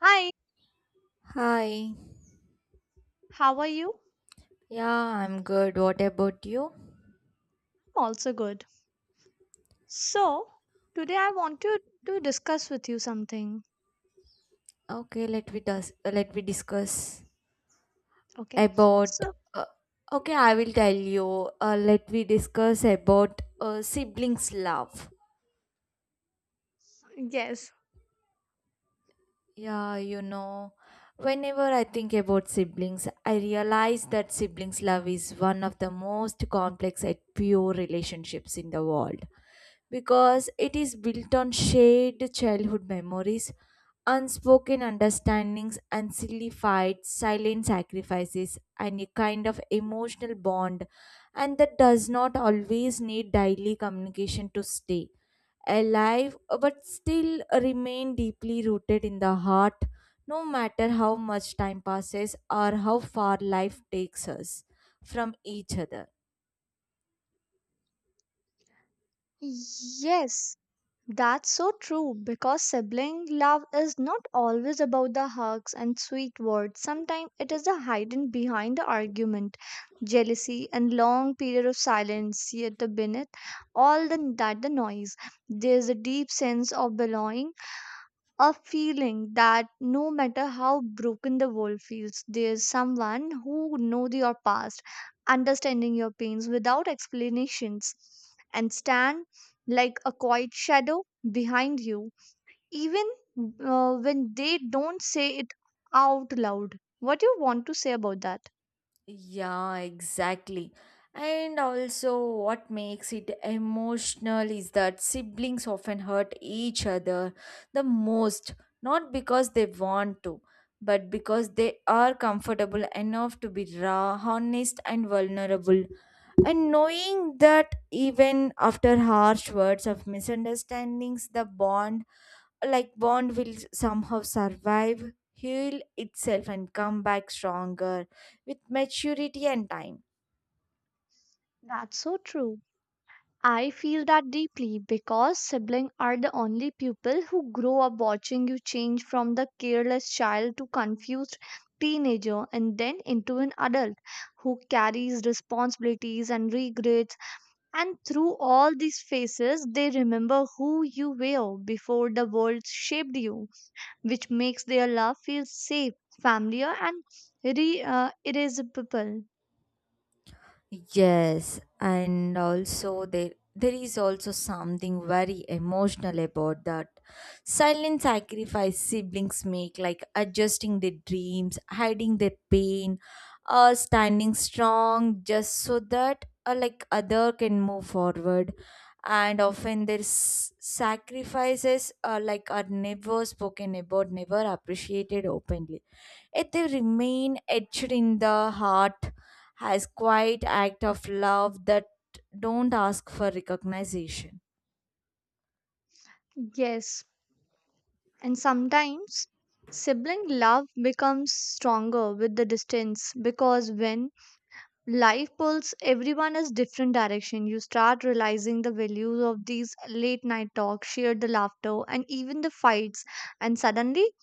Hi, Hi. how are you? Yeah, I'm good. What about you? I'm also good. So, today I want to discuss with you something. Okay, let me discuss Okay. about So, uh, Okay, I will tell you. Let me discuss about siblings love. yes. Yeah, you know, whenever I think about siblings, I realize that siblings' love is one of the most complex and pure relationships in the world because it is built on shared childhood memories, unspoken understandings, and silly fights, silent sacrifices, and a kind of emotional bond, and that does not always need daily communication to stay alive but still remain deeply rooted in the heart no matter how much time passes or how far life takes us from each other. Yes, that's so true because sibling love is not always about the hugs and sweet words. Sometimes it is the hidden behind the argument, jealousy, and long period of silence. Yet, beneath that the noise, there's a deep sense of belonging, a feeling that no matter how broken the world feels, there's someone who knows your past, understanding your pains without explanations, and stand like a quiet shadow behind you, even when they don't say it out loud. What do you want to say about that? Yeah, exactly. And also, what makes it emotional is that siblings often hurt each other the most, not because they want to, but because they are comfortable enough to be raw, honest, and vulnerable. And knowing that even after harsh words of misunderstandings, the bond, like bond, will somehow survive, heal itself, and come back stronger with maturity and time. That's so true. I feel that deeply because siblings are the only people who grow up watching you change from the careless child to confused teenager and then into an adult who carries responsibilities and regrets. And through all these phases, they remember who you were before the world shaped you, which makes their love feel safe, familiar, and irresistible. Yes, and also there is also something very emotional about that silent sacrifice siblings make, like adjusting their dreams, hiding their pain, or standing strong just so that like other can move forward. And often their sacrifices are like are never spoken about, never appreciated openly. Yet they remain etched in the heart as quiet act of love that don't ask for recognition. Yes. And sometimes sibling love becomes stronger with the distance, because when life pulls everyone is different direction, you start realizing the values of these late night talks, shared the laughter, and even the fights. And suddenly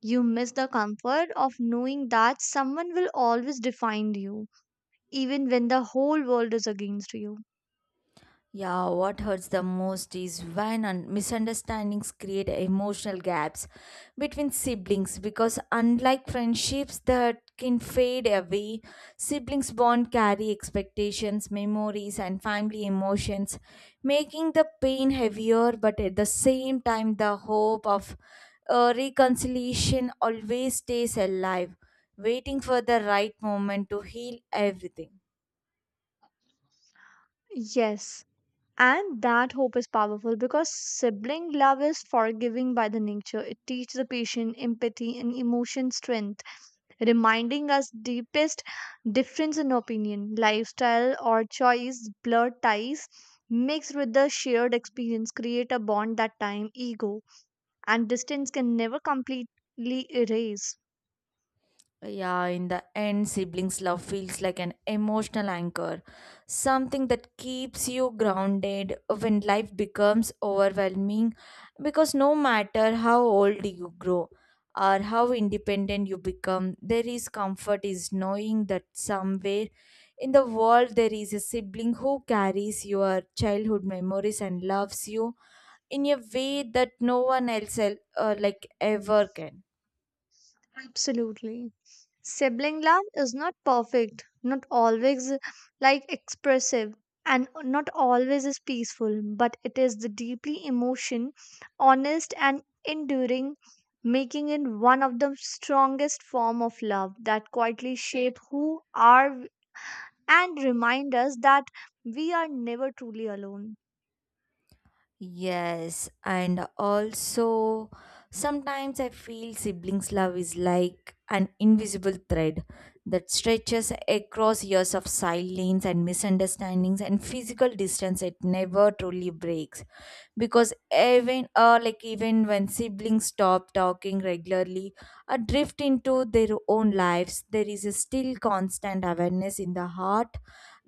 you miss the comfort of knowing that someone will always define you, even when the whole world is against you. Yeah, what hurts the most is when misunderstandings create emotional gaps between siblings because, unlike friendships that can fade away, siblings' bond carry expectations, memories, and family emotions, making the pain heavier, but at the same time, the hope of reconciliation always stays alive, waiting for the right moment to heal everything. Yes. And that hope is powerful because sibling love is forgiving by the nature. It teaches the patient empathy and emotion strength, reminding us deepest difference in opinion, lifestyle or choice, blur ties mixed with the shared experience create a bond that time, ego and distance can never completely erase. Yeah, in the end, siblings' love feels like an emotional anchor, something that keeps you grounded when life becomes overwhelming. Because no matter how old you grow or how independent you become, there is comfort is knowing that somewhere in the world there is a sibling who carries your childhood memories and loves you in a way that no one else like ever can. Absolutely. Sibling love is not perfect, not always like expressive, and not always is peaceful, but it is the deeply emotion, honest and enduring, making it one of the strongest form of love that quietly shape who are and remind us that we are never truly alone. Yes, and also sometimes I feel siblings' love is like an invisible thread that stretches across years of silence and misunderstandings and physical distance. It never truly breaks because even when siblings stop talking regularly or drift into their own lives, there is a still constant awareness in the heart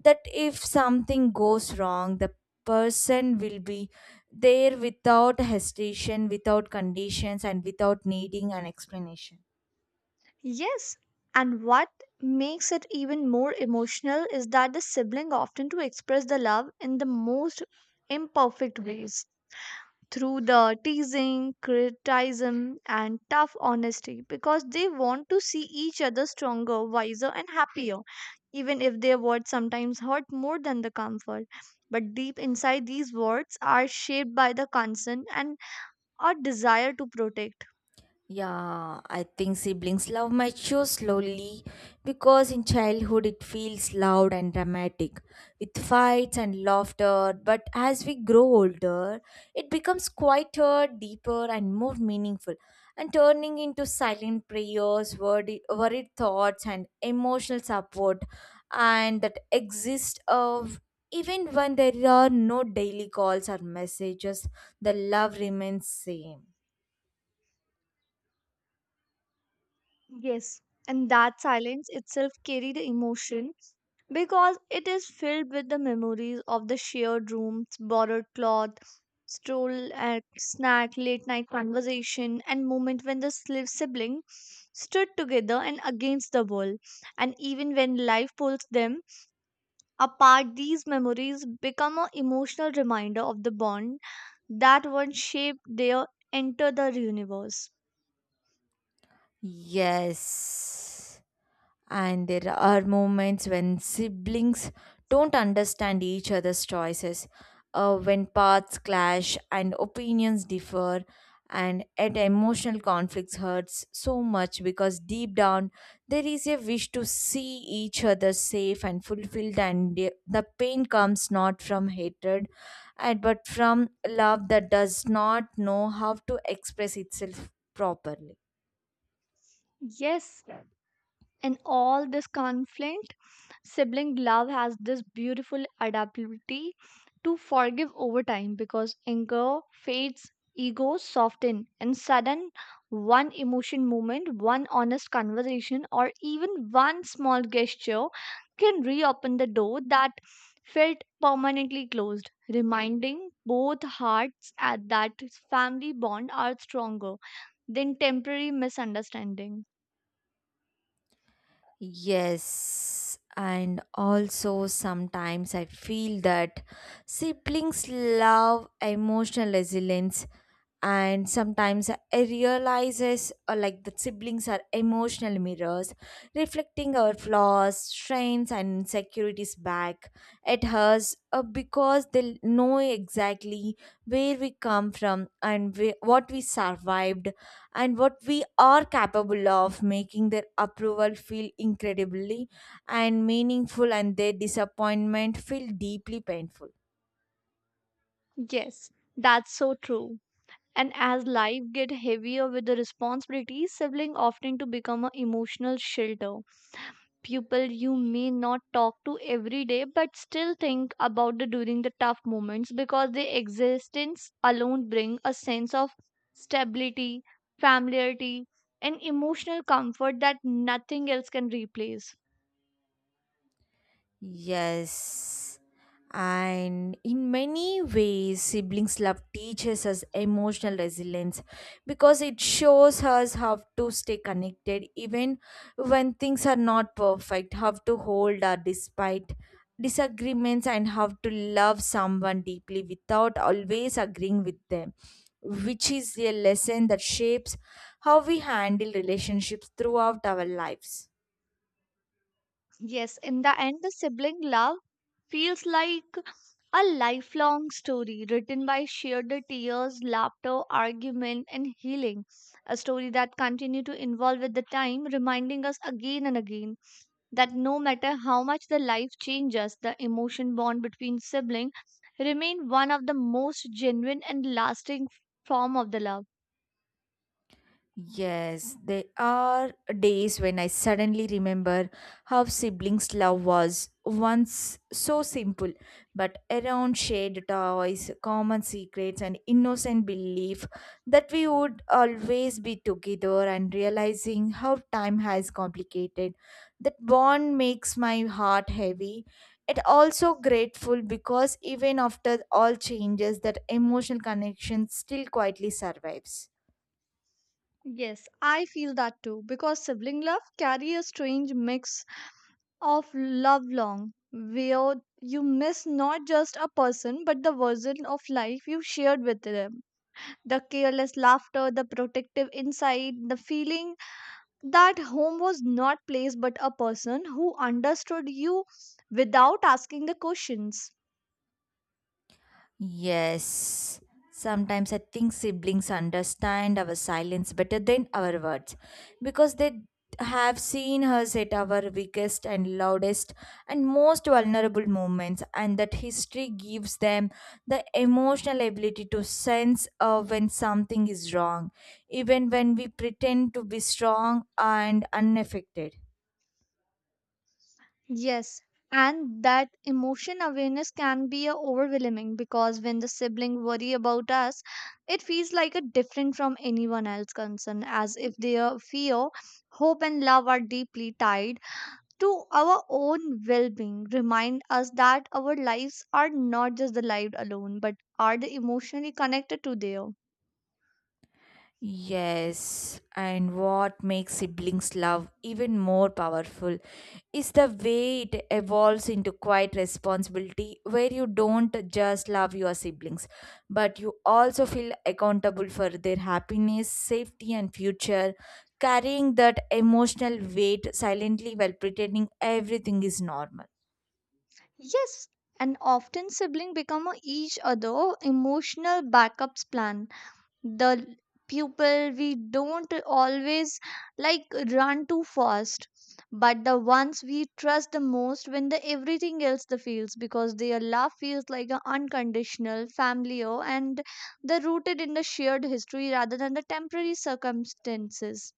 that if something goes wrong, the person will be there without hesitation, without conditions, and without needing an explanation. Yes, and what makes it even more emotional is that the sibling often to express the love in the most imperfect ways, through the teasing, criticism, and tough honesty, because they want to see each other stronger, wiser, and happier, even if their words sometimes hurt more than the comfort. But deep inside, these words are shaped by the concern and a desire to protect. Yeah, I think siblings' love matures slowly because in childhood it feels loud and dramatic with fights and laughter. But as we grow older, it becomes quieter, deeper, and more meaningful and turning into silent prayers, worried thoughts, and emotional support. And that exists of even when there are no daily calls or messages, the love remains same. Yes, and that silence itself carried the emotion because it is filled with the memories of the shared rooms, borrowed cloth, stroll at snack, late night conversation, and moment when the sibling stood together and against the world. And even when life pulls them apart, these memories become an emotional reminder of the bond that once shaped their enter the universe. Yes. And there are moments when siblings don't understand each other's choices, when paths clash and opinions differ, and at emotional conflicts hurts so much because deep down there is a wish to see each other safe and fulfilled, and the pain comes not from hatred, and but from love that does not know how to express itself properly. Yes, in all this conflict, sibling love has this beautiful adaptability to forgive over time, because anger fades, egos soften, and sudden one emotion moment, one honest conversation, or even one small gesture can reopen the door that felt permanently closed, reminding both hearts at that family bond are stronger than temporary misunderstanding. Yes, and also sometimes I feel that siblings love emotional resilience and sometimes I realizes like that siblings are emotional mirrors reflecting our flaws strengths and insecurities back at us because they know exactly where we come from and what we survived and what we are capable of making their approval feel incredibly and meaningful and their disappointment feel deeply painful. Yes, that's so true. And as life get heavier with the responsibilities, sibling often to become an emotional shelter. People you may not talk to every day, but still think about the during the tough moments, because their existence alone bring a sense of stability, familiarity, and emotional comfort that nothing else can replace. Yes. And in many ways, siblings love teaches us emotional resilience because it shows us how to stay connected even when things are not perfect, how to hold our despite disagreements, and how to love someone deeply without always agreeing with them, which is a lesson that shapes how we handle relationships throughout our lives. Yes, in the end, the sibling love feels like a lifelong story written by shared tears, laughter, argument, and healing. A story that continues to evolve with the time, reminding us again and again that no matter how much the life changes, the emotion bond between siblings remain one of the most genuine and lasting form of the love. Yes, there are days when I suddenly remember how siblings' love was once so simple, but around shared toys, common secrets, and innocent belief that we would always be together, and realizing how time has complicated that bond makes my heart heavy. It also grateful because even after all changes, that emotional connection still quietly survives. Yes, I feel that too, because sibling love carry a strange mix of Love Long, where you miss not just a person but the version of life you shared with them. The careless laughter, the protective insight, the feeling that home was not place but a person who understood you without asking the questions. Yes. Sometimes I think siblings understand our silence better than our words because they have seen us at our weakest and loudest and most vulnerable moments, and that history gives them the emotional ability to sense when something is wrong, even when we pretend to be strong and unaffected. Yes, and that emotion awareness can be a overwhelming, because when the sibling worry about us, it feels like a different from anyone else concern, as if their fear, hope and love are deeply tied to our own well-being. Remind us that our lives are not just the life alone, but are the emotionally connected to their. Yes, and what makes siblings' love even more powerful is the way it evolves into quiet responsibility where you don't just love your siblings, but you also feel accountable for their happiness, safety, and future, carrying that emotional weight silently while pretending everything is normal. Yes, and often sibling become a each other emotional backups plan, the people we don't always like run too fast, but the ones we trust the most when the everything else the feels, because their love feels like an unconditional familiar and the rooted in the shared history rather than the temporary circumstances.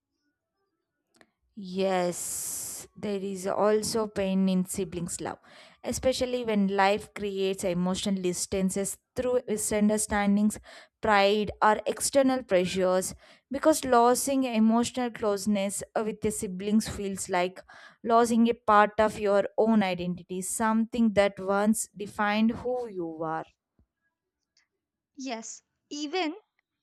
Yes, there is also pain in siblings' love, especially when life creates emotional distances through misunderstandings, pride, or external pressures. Because losing emotional closeness with your siblings feels like losing a part of your own identity, something that once defined who you are. Yes, even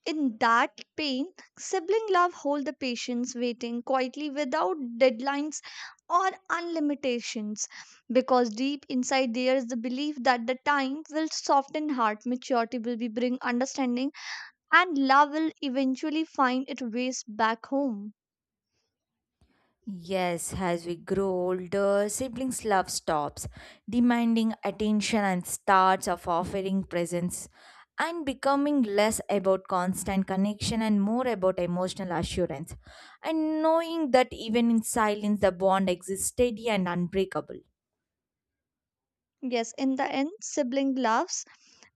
in that pain, sibling love hold the patience, waiting quietly without deadlines or unlimitations, because deep inside there is the belief that the time will soften heart, maturity will be bring understanding, and love will eventually find its ways back home. Yes, as we grow older, siblings' love stops, demanding attention and starts of offering presents and becoming less about constant connection and more about emotional assurance and knowing that even in silence the bond exists steady and unbreakable. Yes, in the end, sibling laughs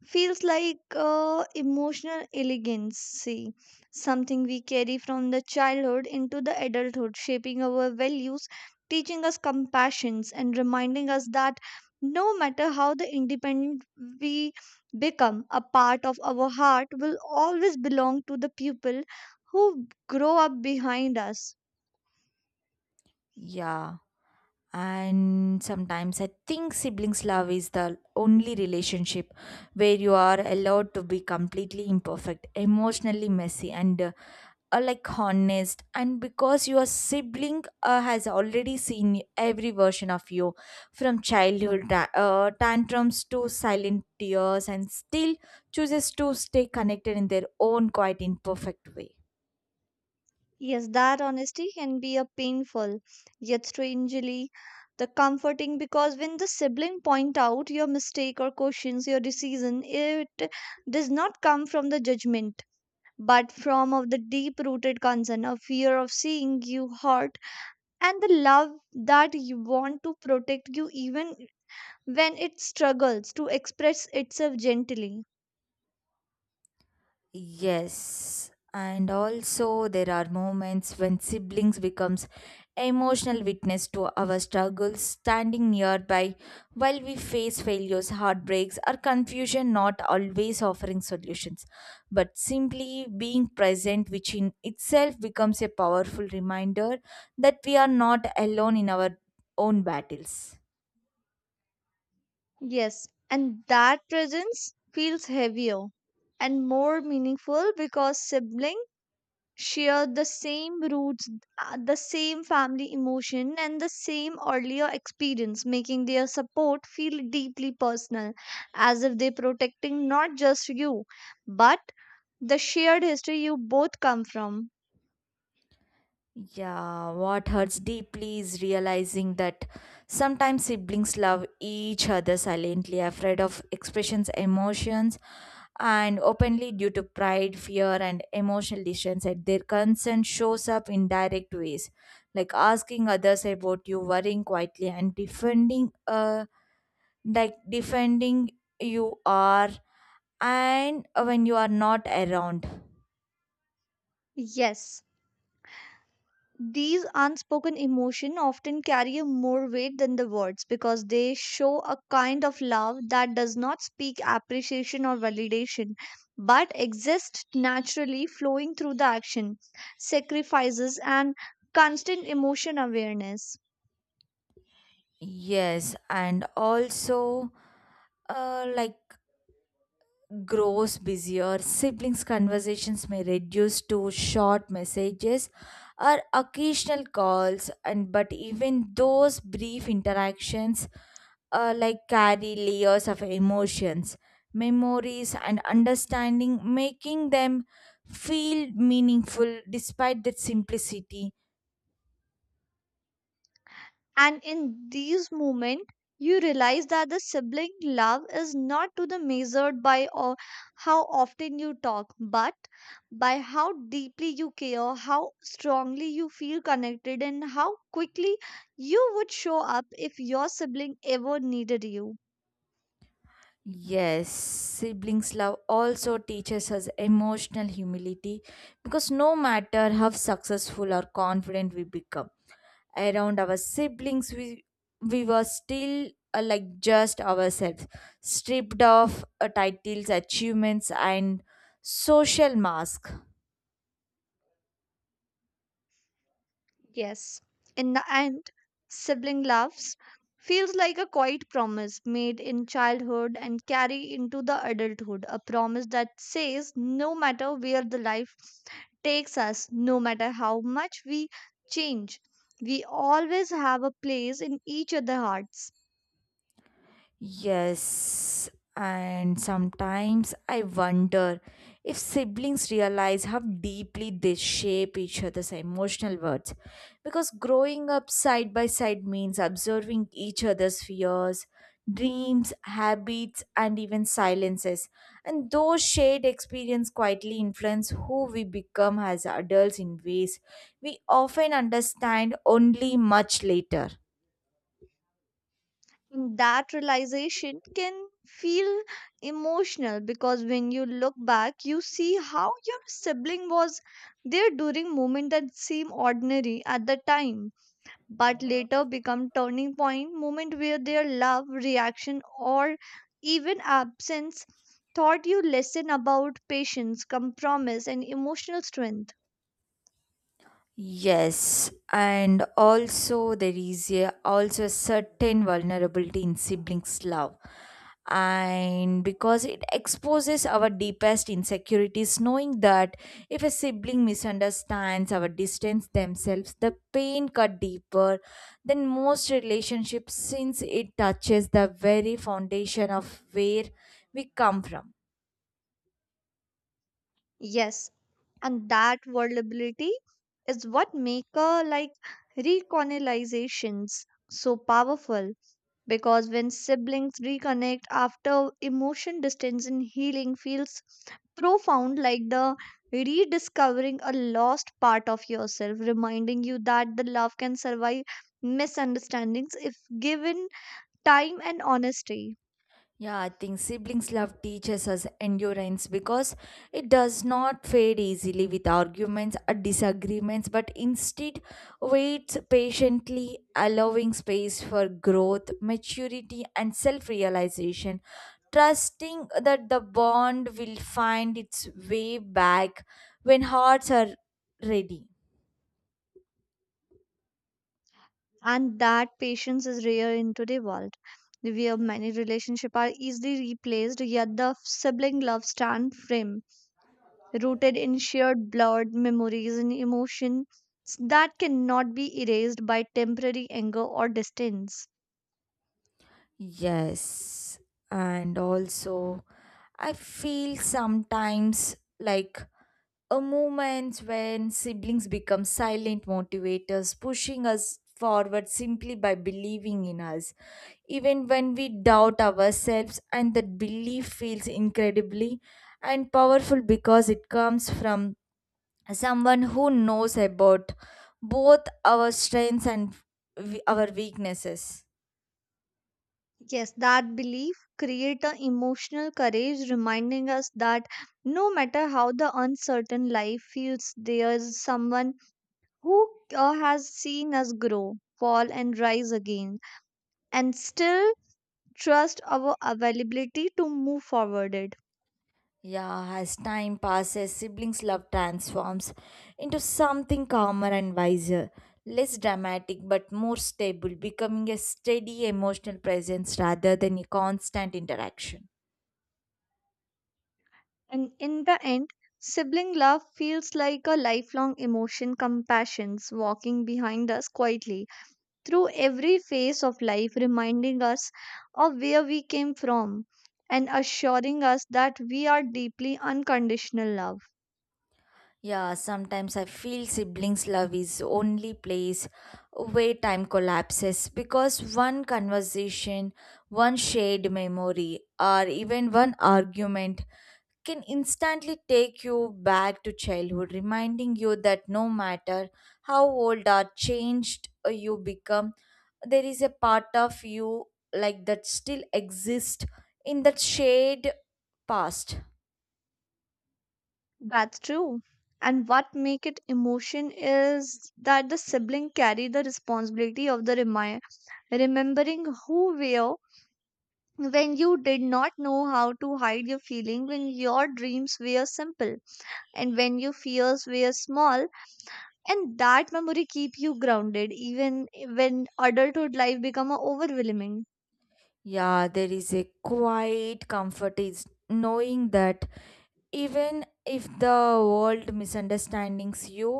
feels like emotional elegancy, something we carry from the childhood into the adulthood, shaping our values, teaching us compassion, and reminding us that no matter how the independent we become, a part of our heart will always belong to the people who grow up behind us. Yeah. And sometimes I think siblings' love is the only relationship where you are allowed to be completely imperfect, emotionally messy, and like honest. And because your sibling has already seen every version of you from childhood tantrums to silent tears, and still chooses to stay connected in their own quite imperfect way. Yes, that honesty can be a painful, yet strangely the comforting, because when the sibling point out your mistake or questions your decision, it does not come from the judgment, but from of the deep-rooted concern, a fear of seeing you hurt, and the love that you want to protect you, even when it struggles to express itself gently. Yes, and also there are moments when siblings becomes emotional witness to our struggles, standing nearby while we face failures, heartbreaks, or confusion, not always offering solutions, but simply being present, which in itself becomes a powerful reminder that we are not alone in our own battles. Yes, and that presence feels heavier and more meaningful because siblings share the same roots, the same family emotion, and the same earlier experience, making their support feel deeply personal, as if they're protecting not just you, but the shared history you both come from. Yeah, what hurts deeply is realizing that sometimes siblings love each other silently, afraid of expressions, emotions, and openly due to pride, fear, and emotional distance. And their concern shows up in direct ways, like asking others about you, worrying quietly, and defending you are, and when you are not around. Yes. These unspoken emotion often carry a more weight than the words, because they show a kind of love that does not speak appreciation or validation, but exists naturally flowing through the action, sacrifices, and constant emotion awareness. Yes, and also like grows busier, siblings' conversations may reduce to short messages or occasional calls, and but even those brief interactions like carry layers of emotions, memories, and understanding, making them feel meaningful despite their simplicity. And in these moments, you realize that the sibling love is not to the measured by or how often you talk, but by how deeply you care, how strongly you feel connected, and how quickly you would show up if your sibling ever needed you. Yes, siblings' love also teaches us emotional humility because no matter how successful or confident we become around our siblings we were still like just ourselves stripped of titles achievements and social mask. Yes. In the end, sibling loves feels like a quiet promise made in childhood and carry into the adulthood. A promise that says no matter where the life takes us, no matter how much we change, we always have a place in each other's hearts. Yes, and sometimes I wonder if siblings realize how deeply they shape each other's emotional worlds. Because growing up side by side means observing each other's fears, dreams, habits, and even silences. And those shared experience quietly influence who we become as adults in ways we often understand only much later. And that realization can feel emotional, because when you look back, you see how your sibling was there during moments that seem ordinary at the time, but later become turning point moment where their love, reaction, or even absence taught you lesson about patience, compromise, and emotional strength. Yes, and also there is a, also a certain vulnerability in siblings' love, and because it exposes our deepest insecurities, knowing that if a sibling misunderstands or distance themselves, the pain cut deeper than most relationships, since it touches the very foundation of where we come from. Yes, and that vulnerability is what make a like recolonizations so powerful, because when siblings reconnect after emotion distance and healing feels profound, like the rediscovering a lost part of yourself, reminding you that the love can survive misunderstandings if given time and honesty. Yeah, I think siblings love teaches us endurance because it does not fade easily with arguments or disagreements, but instead waits patiently, allowing space for growth, maturity, and self realization, trusting that the bond will find its way back when hearts are ready. And that patience is rare in today's world, where many relationships are easily replaced, yet the sibling love stand firm, rooted in shared blood, memories, and emotions that cannot be erased by temporary anger or distance. Yes, and also I feel sometimes like a moment when siblings become silent motivators, pushing us forward simply by believing in us. Even when we doubt ourselves, and that belief feels incredibly and powerful because it comes from someone who knows about both our strengths and our weaknesses. Yes, that belief creates a emotional courage, reminding us that no matter how the uncertain life feels, there is someone who has seen us grow, fall and rise again, and still trust our availability to move forward it. Yeah, as time passes, siblings' love transforms into something calmer and wiser, less dramatic but more stable, becoming a steady emotional presence rather than a constant interaction. And in the end, sibling love feels like a lifelong emotion compassions walking behind us quietly through every phase of life, reminding us of where we came from and assuring us that we are deeply unconditional love. Yeah, sometimes I feel siblings' love is only place where time collapses because one conversation, one shared memory, or even one argument can instantly take you back to childhood, reminding you that no matter how old or changed you become, there is a part of you like that still exists in that shade past. That's true. And what make it emotion is that the sibling carry the responsibility of the remembering who we are, when you did not know how to hide your feeling, when your dreams were simple, and when your fears were small, and that memory keep you grounded even when adulthood life become a overwhelming. Yeah, there is a quiet comfort is knowing that even if the world misunderstands you,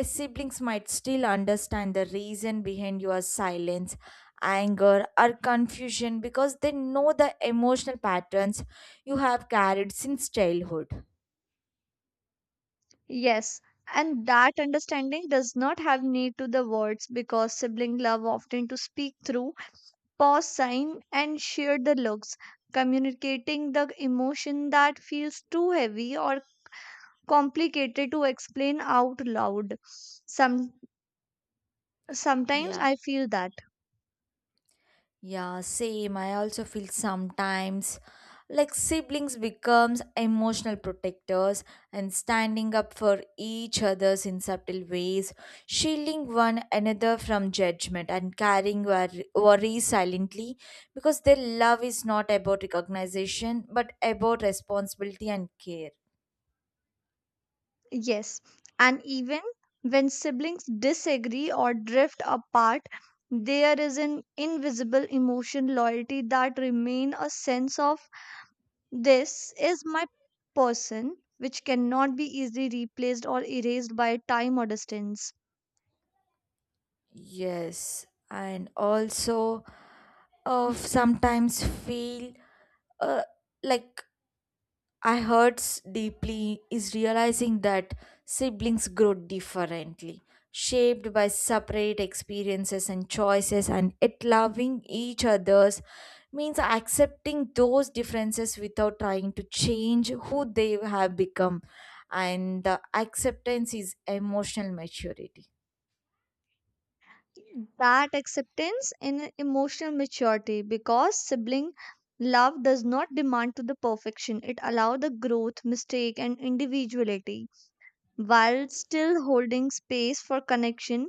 eh, siblings might still understand the reason behind your silence, anger, or confusion because they know the emotional patterns you have carried since childhood. Yes, and that understanding does not have need to the words, because sibling love often to speak through pause sign and share the looks, communicating the emotion that feels too heavy or complicated to explain out loud. some Sometimes Yeah. I feel that, Yeah, same. I also feel sometimes like siblings becomes emotional protectors and standing up for each others in subtle ways, shielding one another from judgment and carrying worries silently because their love is not about recognition but about responsibility and care. yes. And even when siblings disagree or drift apart, there is an invisible emotion loyalty that remain a sense of this is my person, which cannot be easily replaced or erased by time or distance. Yes, and also of sometimes feel uh, like I hurts deeply is realizing that siblings grow differently, shaped by separate experiences and choices, and yet loving each other's means accepting those differences without trying to change who they have become, and the acceptance is emotional maturity. That acceptance in emotional maturity, because sibling love does not demand to the perfection, it allow the growth, mistake, and individuality while still holding space for connection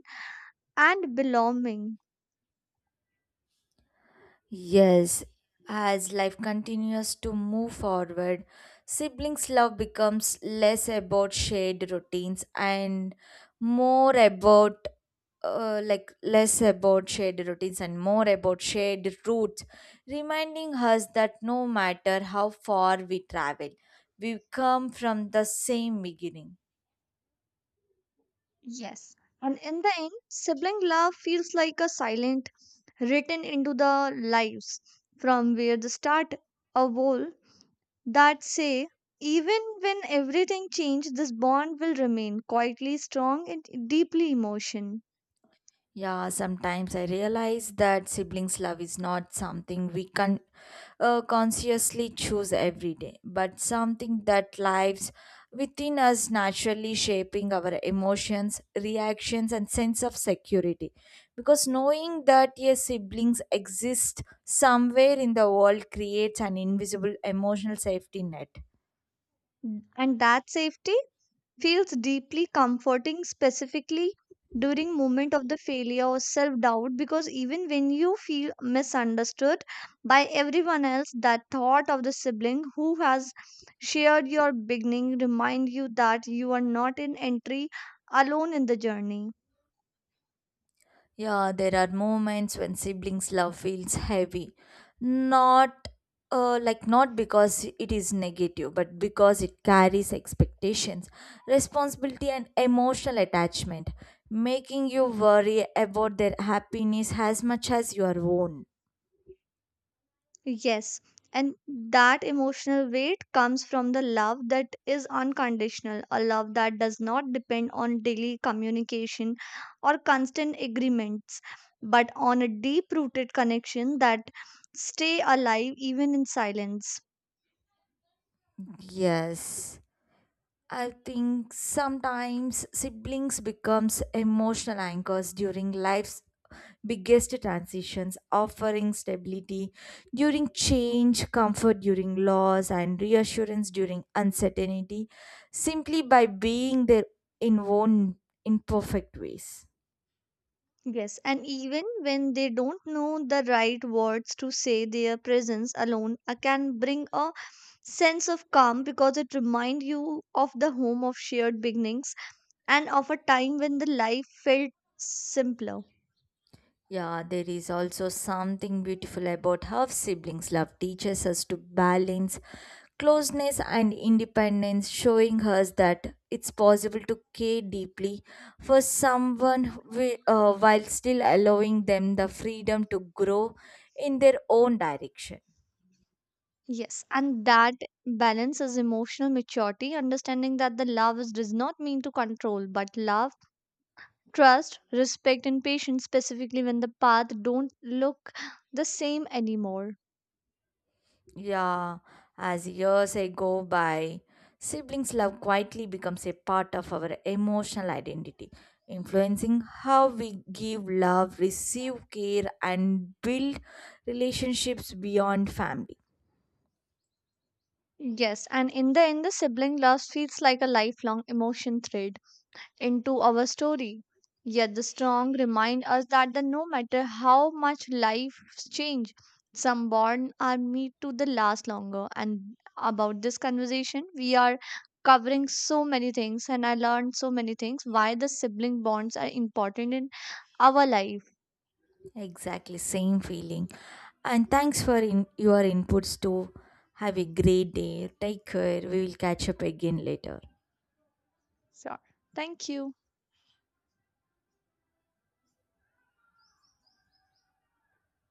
and belonging. Yes, as life continues to move forward, siblings' love becomes less about shared routines and more about like less about shared routines and more about shared roots, reminding us that no matter how far we travel, we come from the same beginning. Yes. And in the end, sibling love feels like a silent written into the lives from where the start, a wall that say even when everything changed, this bond will remain quietly strong and deeply emotion. Yeah, sometimes I realize that siblings' love is not something we can consciously choose every day, but something that lives within us naturally shaping our emotions, reactions, and sense of security. Because knowing that your siblings exist somewhere in the world creates an invisible emotional safety net. And that safety feels deeply comforting, specifically during moment of the failure or self doubt, because even when you feel misunderstood by everyone else, that thought of the sibling who has shared your beginning remind you that you are not in entry alone in the journey. Yeah, there are moments when siblings' love feels heavy. Not Not because it is negative, but because it carries expectations, responsibility, and emotional attachment, making you worry about their happiness as much as your own. Yes, and that emotional weight comes from the love that is unconditional, a love that does not depend on daily communication or constant agreements, but on a deep rooted connection that stay alive even in silence. Yes. I think sometimes siblings becomes emotional anchors during life's biggest transitions, offering stability during change, comfort during loss, and reassurance during uncertainty, simply by being there in own imperfect ways. Yes, and even when they don't know the right words to say, their presence alone can bring a sense of calm, because it reminds you of the home of shared beginnings and of a time when the life felt simpler. Yeah, there is also something beautiful about how siblings love teaches us to balance closeness and independence, showing us that it's possible to care deeply for someone while still allowing them the freedom to grow in their own direction. Yes, and that balance is emotional maturity, understanding that the love is, does not mean to control, but love, trust, respect, and patience, specifically when the path don't look the same anymore. Yeah, as years go by, siblings' love quietly becomes a part of our emotional identity, influencing how we give love, receive care, and build relationships beyond family. Yes, and in the end, the sibling love feels like a lifelong emotion thread into our story. Yet the strong remind us that the, no matter how much life change, some bonds are made to the last longer. And about this conversation, we are covering so many things, and I learned so many things why the sibling bonds are important in our life. Exactly, same feeling. And thanks for your inputs too. Have a great day. Take care. We will catch up again later. Sure. Thank you.